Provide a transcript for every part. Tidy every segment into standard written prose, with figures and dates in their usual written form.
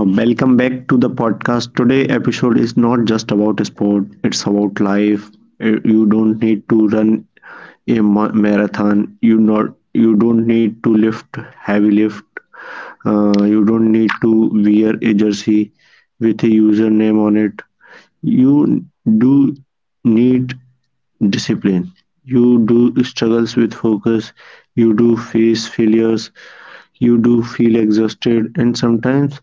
Welcome back to the podcast. Today episode is not just about sport; it's about life. You don't need to run a marathon. You don't need to lift heavy lift. You don't need to wear a jersey with a username on it. You do need discipline. You do struggles with focus. You do face failures. You do feel exhausted, and sometimes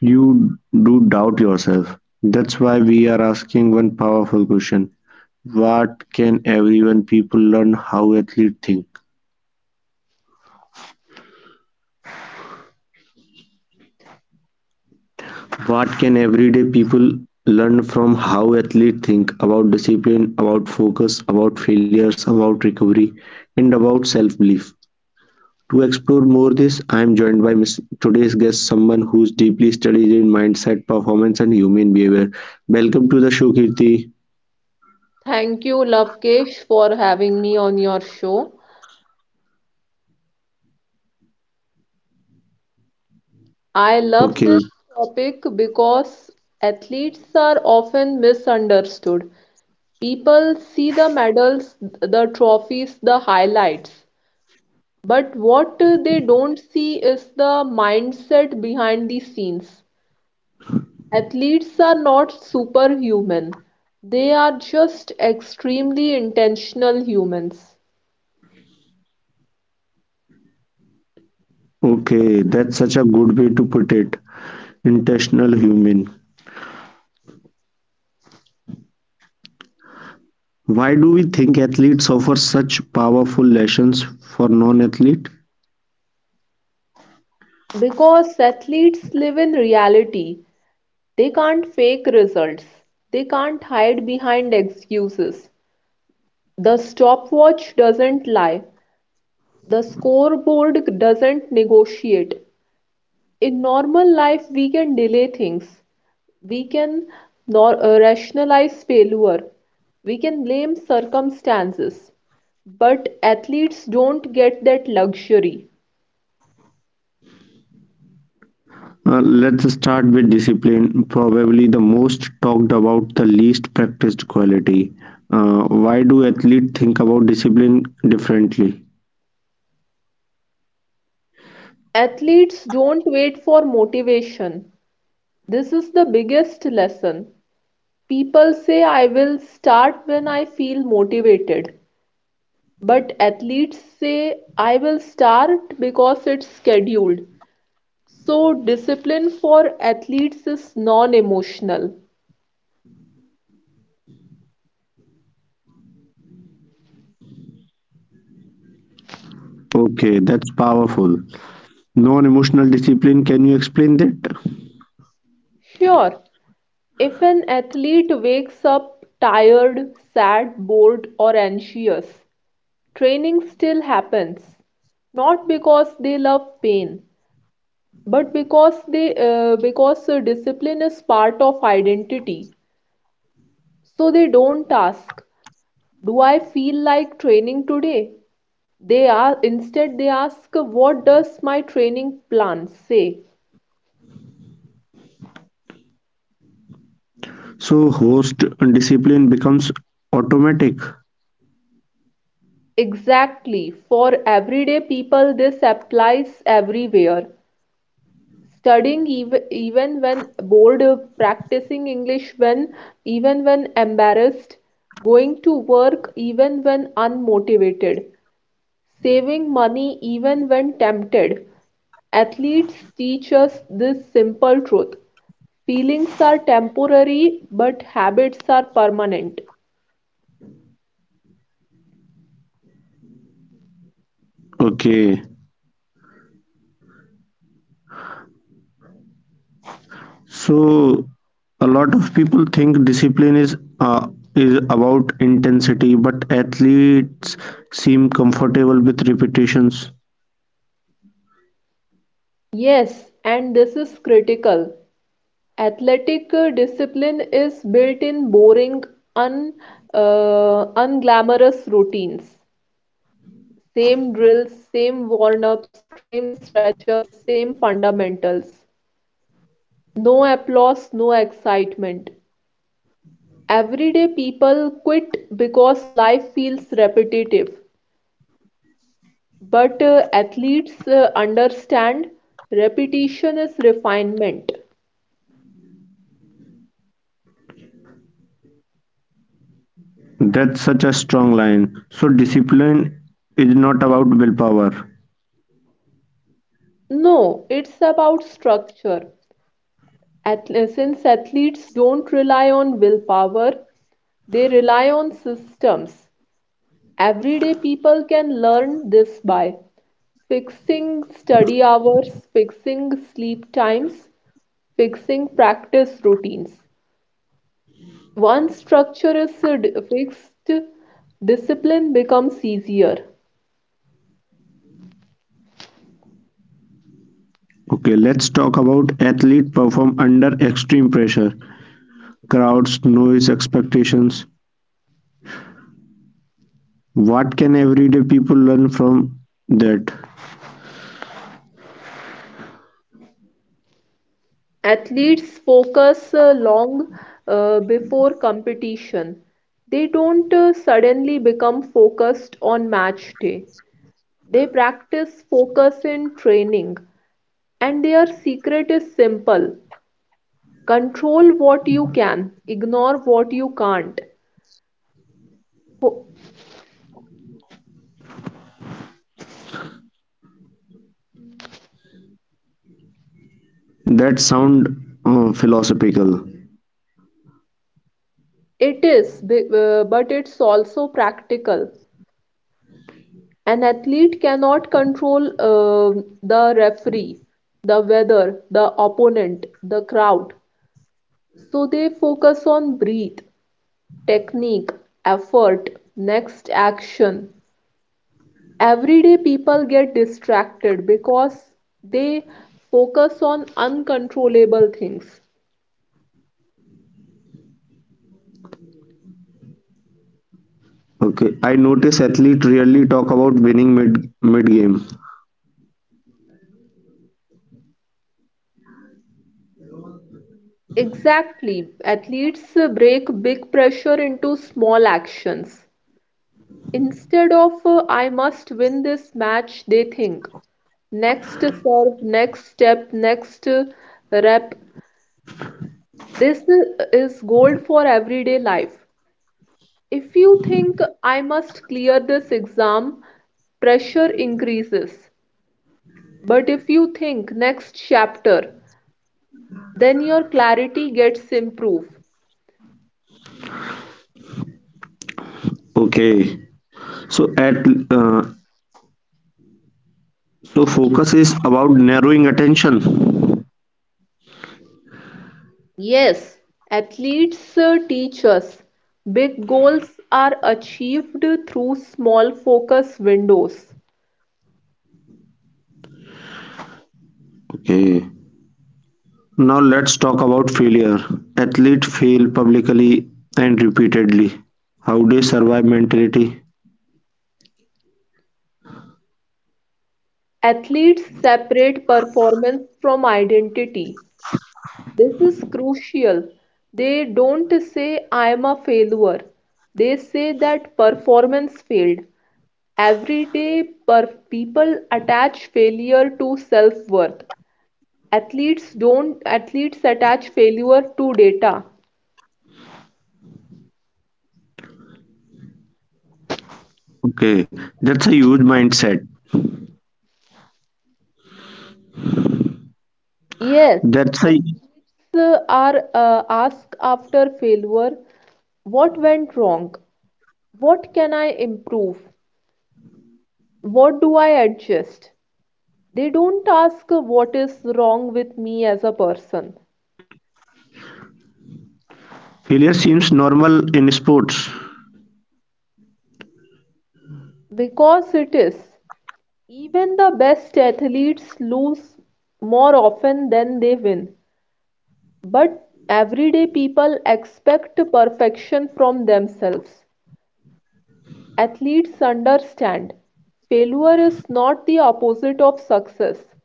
you do doubt yourself. That's why we are asking one powerful question. What can everyone people learn how athletes think? What can everyday people learn from how athletes think about discipline, about focus, about failures, about recovery, and about self-belief? To explore more this, I am joined by Ms. today's guest, someone who's deeply studied in mindset, performance, and human behavior. Welcome to the show, Kirti. Thank you, Lovekesh, for having me on your show. I love Okay. this topic because athletes are often misunderstood. People see the medals, the trophies, the highlights, but what they don't see is the mindset behind the scenes. Athletes are not superhuman, they are just extremely intentional humans. Okay, that's such a good way to put it. Intentional human. Why do we think athletes offer such powerful lessons for non-athlete? Because athletes live in reality. They can't fake results. They can't hide behind excuses. The stopwatch doesn't lie. The scoreboard doesn't negotiate. In normal life, we can delay things. We can rationalize failure. We can blame circumstances. But athletes don't get that luxury. Let's start with discipline, probably the most talked about, the least practiced quality. Why do athletes think about discipline differently? Athletes don't wait for motivation. This is the biggest lesson. People say I will start when I feel motivated, but athletes say I will start because it's scheduled. So, discipline for athletes is non emotional. Okay, that's powerful. Non-emotional discipline, can you explain that? Sure, if an athlete wakes up tired, sad, bored, or anxious, training still happens, not because they love pain, but because they because discipline is part of identity. So they don't ask, do I feel like training today? They are instead they ask, what does my training plan say? So host discipline becomes automatic. Exactly. For everyday people, this applies everywhere. Studying even when bored, practicing English when even when embarrassed, going to work even when unmotivated. Saving money even when tempted. Athletes teach us this simple truth: feelings are temporary, but habits are permanent. Okay. So a lot of people think discipline is about intensity, but athletes seem comfortable with repetitions. Yes, and this is critical. Athletic discipline is built in boring, un, unglamorous routines. Same drills, same warm ups, same stretch ups, same fundamentals. No applause, no excitement. Everyday people quit because life feels repetitive, but athletes understand repetition is refinement. That's such a strong line. So discipline is not about willpower. No, it's about structure. Since athletes don't rely on willpower, they rely on systems. Everyday people can learn this by fixing study hours, fixing sleep times, fixing practice routines. Once structure is fixed, discipline becomes easier. Okay, let's talk about athlete perform under extreme pressure, crowds, noise, expectations. What can everyday people learn from that? Athletes focus long before competition. They don't suddenly become focused on match day. They practice focus in training, and their secret is simple: control what you can, ignore what you can't. Ho- That sound philosophical. It is, but it's also practical. An athlete cannot control the referee, the weather, the opponent, the crowd. So they focus on breath, technique, effort, next action. Everyday people get distracted because they focus on uncontrollable things. Okay, I notice athletes rarely talk about winning mid game. Exactly, athletes break big pressure into small actions. Instead of I must win this match, they think next serve, next step, next rep. This is gold for everyday life. If you think I must clear this exam, pressure increases. But if you think next chapter, then your clarity gets improved. Okay, so at uh, so focus is about narrowing attention. Yes, athletes teach us big goals are achieved through small focus windows. Okay, now let's talk about failure. Athletes fail publicly and repeatedly. How they survive mentality? Athletes separate performance from identity. This is crucial. They don't say, I am a failure. They say that performance failed. Every day, per people attach failure to self-worth. Athletes don't, athletes attach failure to data. Okay, that's a huge mindset. Yes, That's a are asked after failure: what went wrong? What can I improve? What do I adjust? They don't ask what is wrong with me as a person, failure seems normal in sports. because it is. Even the best athletes lose more often than they win. But everyday people expect perfection from themselves. Athletes understand failure is not the opposite of success,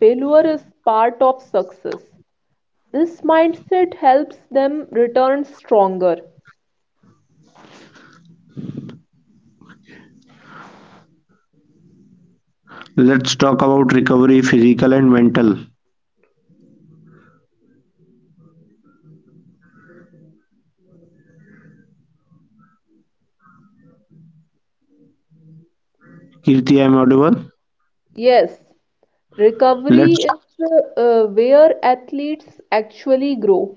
failure is part of success. This mindset helps them return stronger. Let's talk about recovery, physical and mental. Kirti, I'm audible. Yes, recovery Let's is where athletes actually grow.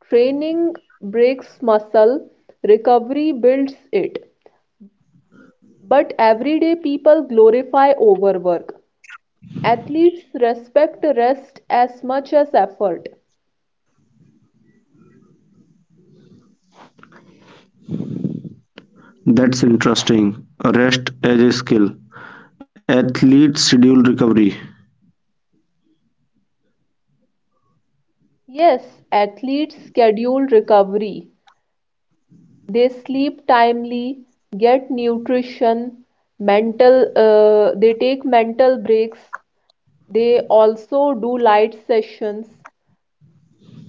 Training breaks muscle, recovery builds it. But everyday people glorify overwork. Athletes respect rest as much as effort. that's interesting. Rest as a skill. Athletes schedule recovery. Yes, athletes schedule recovery. They sleep timely, get nutrition, mental they take mental breaks, they also do light sessions.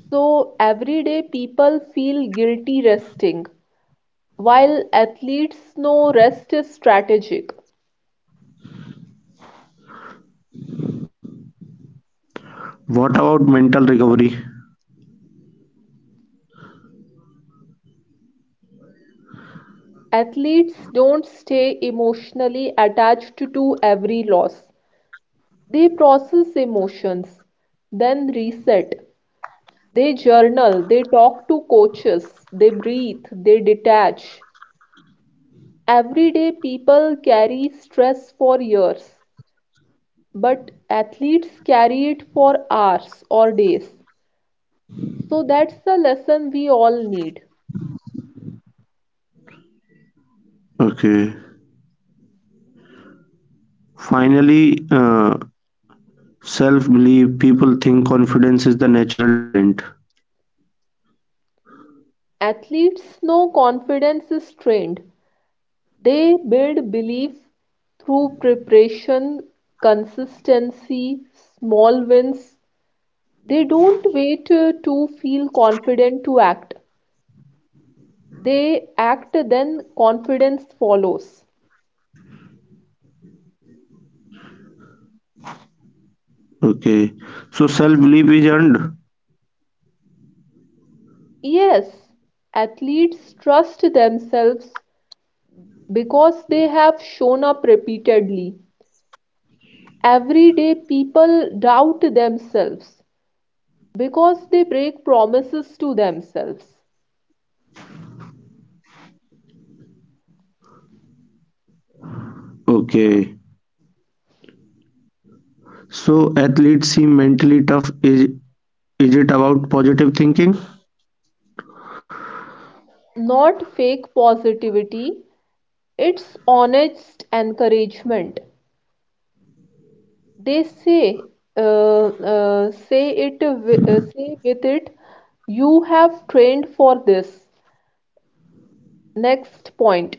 So every day people feel guilty resting, while athletes know rest is strategic. What about mental recovery? Athletes don't stay emotionally attached to every loss, they process emotions then reset. They journal, they talk to coaches, they breathe, they detach. Everyday people carry stress for years, but athletes carry it for hours or days. So that's the lesson we all need. Okay. Finally, self belief. People think confidence is the natural talent. Athletes know confidence is trained, they build belief through preparation, consistency, small wins. They don't wait to feel confident to act. They act, then confidence follows. Okay. So self belief is earned. Yes, athletes trust themselves because they have shown up repeatedly. Everyday people doubt themselves because they break promises to themselves. Okay. So athletes seem mentally tough. Is it about positive thinking? Not fake positivity, it's honest encouragement. They say uh, say with it, you have trained for this. Next point,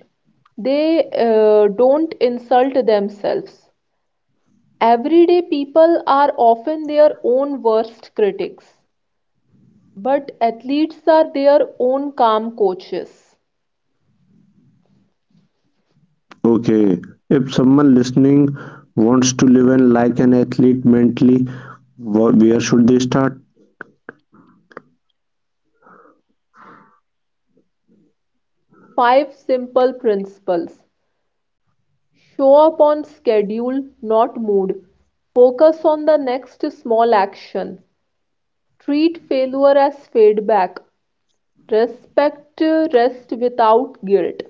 they don't insult themselves. Everyday people are often their own worst critics, but athletes are their own calm coaches. Okay. If someone listening wants to live and like an athlete mentally, where should they start? Five simple principles: show up on schedule, not mood. Focus on the next small action. Treat failure as feedback. Respect rest without guilt.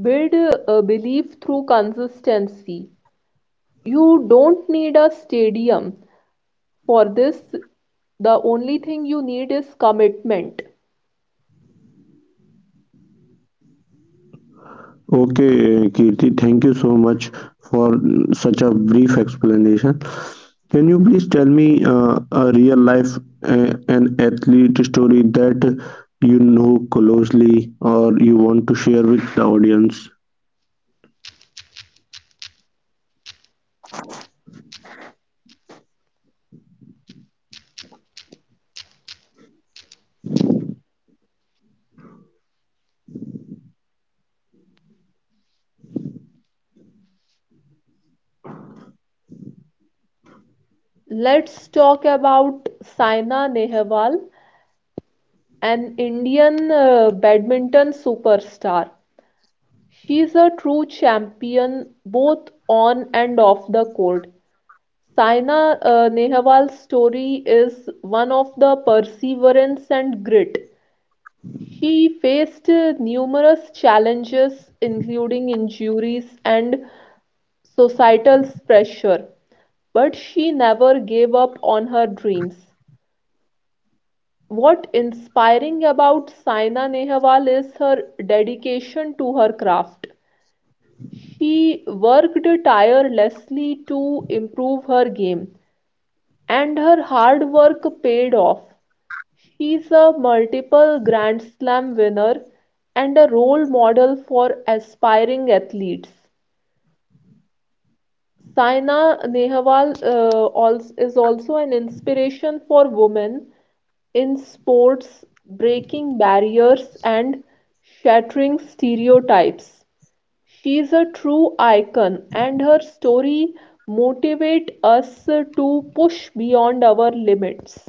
Build a belief through consistency. You don't need a stadium for this. The only thing you need is commitment. Okay, Kirti, thank you so much for such a brief explanation. Can you please tell me a real life an athlete story that you know closely or you want to share with the audience? Let's talk about Saina Nehwal, an Indian badminton superstar. She is a true champion both on and off the court. Saina Nehwal's story is one of the perseverance and grit. He faced numerous challenges, including injuries and societal pressure, but she never gave up on her dreams. What inspiring about Saina Nehwal is her dedication to her craft. She worked tirelessly to improve her game, and her hard work paid off. She's a multiple Grand Slam winner and a role model for aspiring athletes. Saina Nehwal is also an inspiration for women in sports, breaking barriers and shattering stereotypes. She's a true icon, and her story motivate us to push beyond our limits.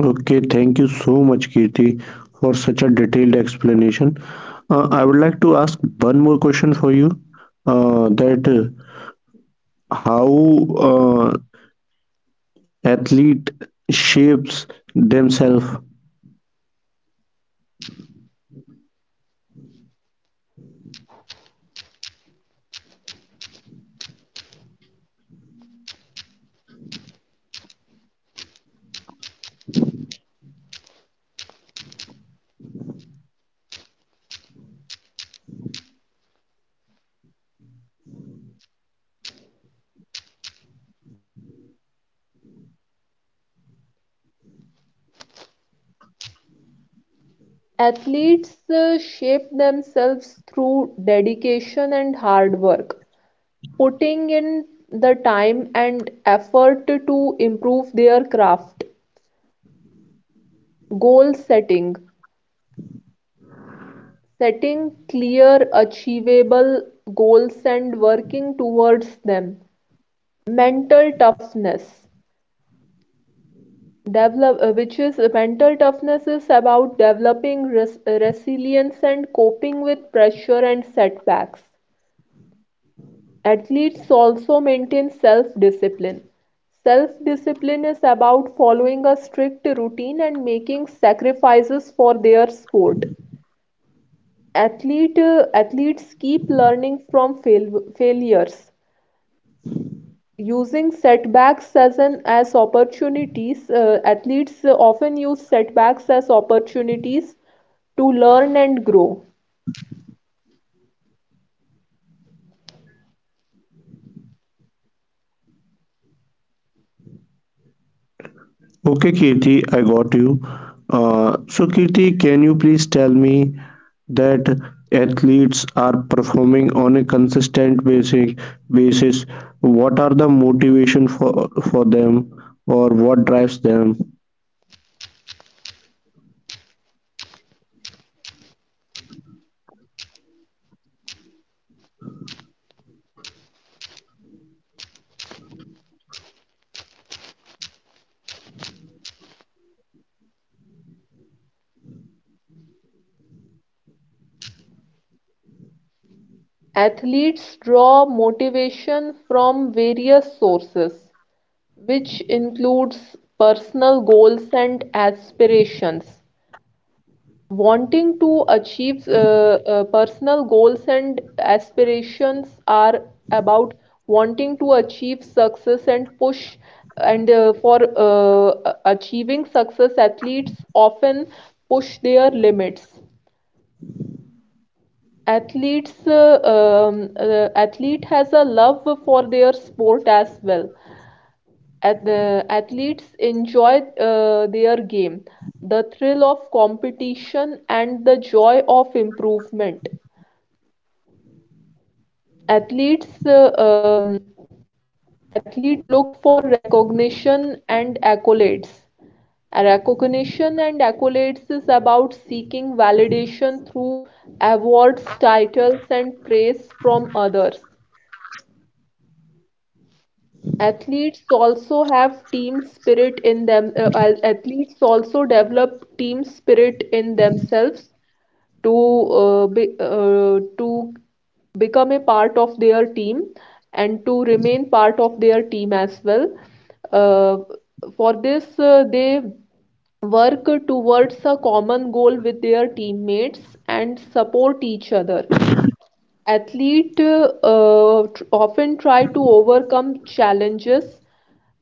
Okay, thank you so much, Kirti, for such a detailed explanation. I would like to ask one more question for you. That How uh, athlete shapes themselves. Athletes shape themselves through dedication and hard work, putting in the time and effort to improve their craft. Goal setting, setting clear, achievable goals and working towards them. Mental toughness, develop, which is mental toughness is about developing resilience and coping with pressure and setbacks. Athletes also maintain self-discipline. Self-discipline is about following a strict routine and making sacrifices for their sport. Athletes keep learning from failures. Using setbacks as an as opportunities, athletes often use setbacks as opportunities to learn and grow. Okay, Kirti, I got you. So, Kirti, can you please tell me that athletes are performing on a consistent basic basis? What are the motivation for them, or what drives them? Athletes draw motivation from various sources, which includes personal goals and aspirations. Wanting to achieve personal goals and aspirations are about wanting to achieve success and push, and for achieving success, athletes often push their limits. Athletes, athlete has a love for their sport as well. At the athletes enjoy their game, the thrill of competition and the joy of improvement. Athletes athlete look for recognition and accolades. A recognition and accolades is about seeking validation through awards, titles, and praise from others. Athletes also have team spirit in them. Athletes also develop team spirit in themselves to to become a part of their team and to remain part of their team as well. Uh, for this, they work towards a common goal with their teammates and support each other. Athletes often try to overcome challenges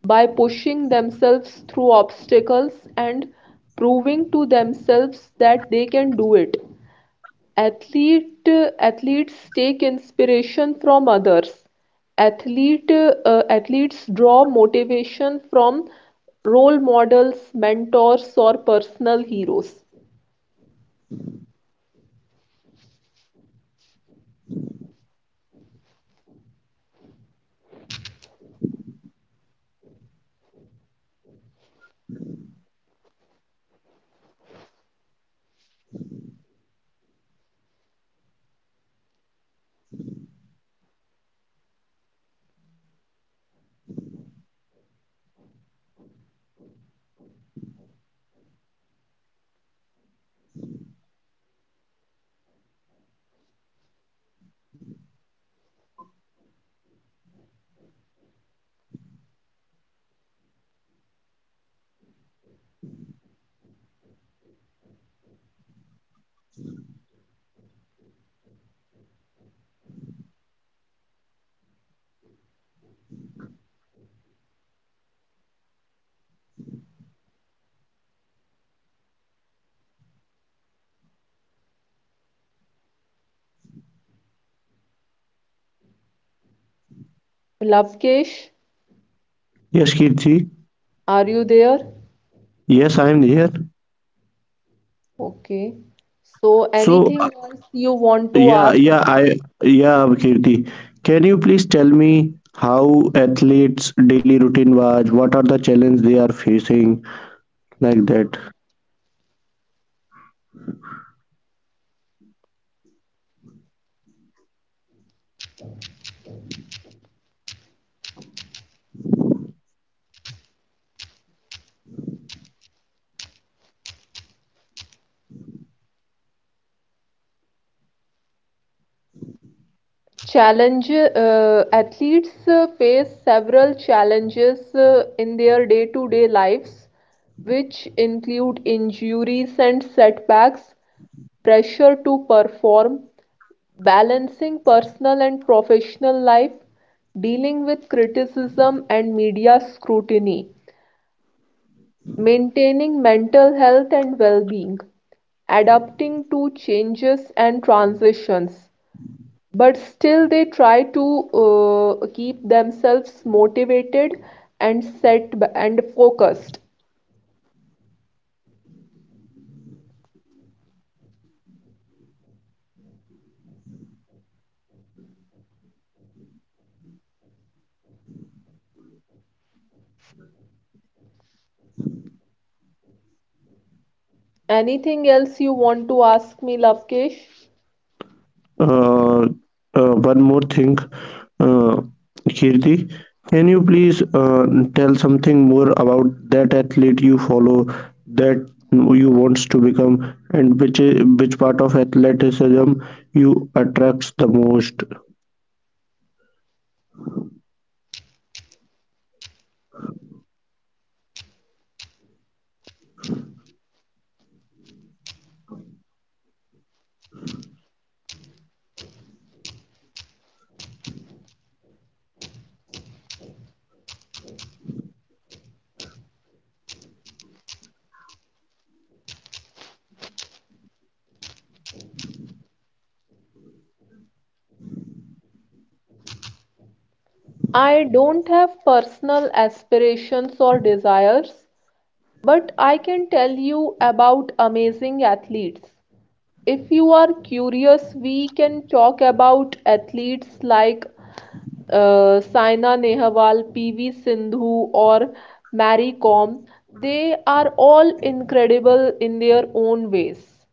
by pushing themselves through obstacles and proving to themselves that they can do it. Athlete, Athletes take inspiration from others. Athletes draw motivation from role models, mentors, or personal heroes. Lavkesh, Yes, Kirti. are you there? Yes, I am here. Okay. So, So, anything else you want to yeah, ask? yeah, I, yeah, Kirti. Can you please tell me how athletes' daily routine was? What are the challenges they are facing, like that? Challenge Athletes face several challenges in their day-to-day lives, which include injuries and setbacks, pressure to perform, balancing personal and professional life, dealing with criticism and media scrutiny, maintaining mental health and well-being, adapting to changes and transitions, but still they try to keep themselves motivated and and focused. Anything else you want to ask me, Lavkesh? uh, One more thing, uh, Kirti. Can you please tell something more about that athlete you follow, that you wants to become, and which which part of athleticism you attracts the most? I don't have personal aspirations or desires, but I can tell you about amazing athletes. If you are curious, we can talk about athletes like Saina Nehwal, PV Sindhu, or Mary Kom. They are all incredible in their own ways.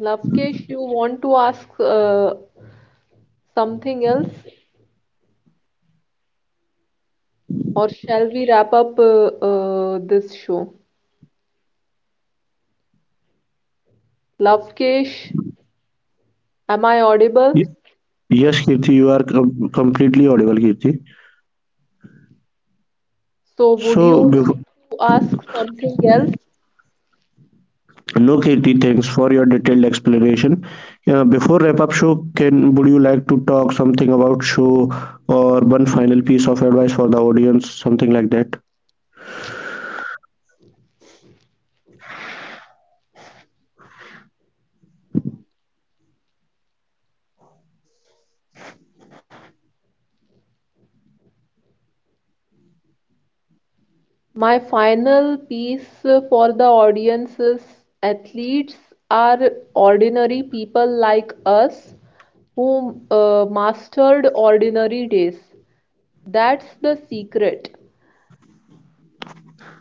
Lavkesh, you want to ask something else, or shall we wrap up this show? Lavkesh, am I audible? Y- Yes, Kirti, you are completely audible, Kirti. So, would So, you like bef- to ask something else? No, Kirti, thanks for your detailed explanation. Before wrap up show, can would you like to talk something about show or one final piece of advice for the audience, something like that? My final piece for the audience is athletes are ordinary people like us who mastered ordinary days. That's the secret.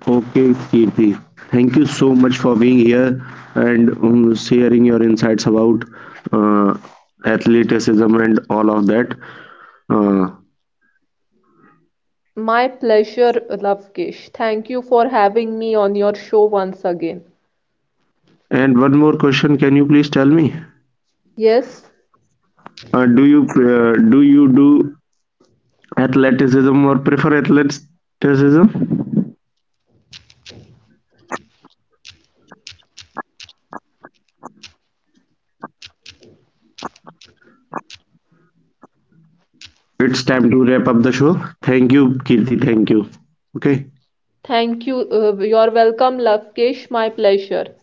Okay, Kirti, thank you so much for being here and sharing your insights about uh, athleticism and all of that. Uh, My pleasure, Lavkesh. Thank you for having me on your show once again. and one more question, can you please tell me? Yes, Do you do athleticism or prefer athleticism? It's time to wrap up the show. Thank you, Kirti. Thank you. Okay. thank you. You're welcome, Lavkesh. My pleasure.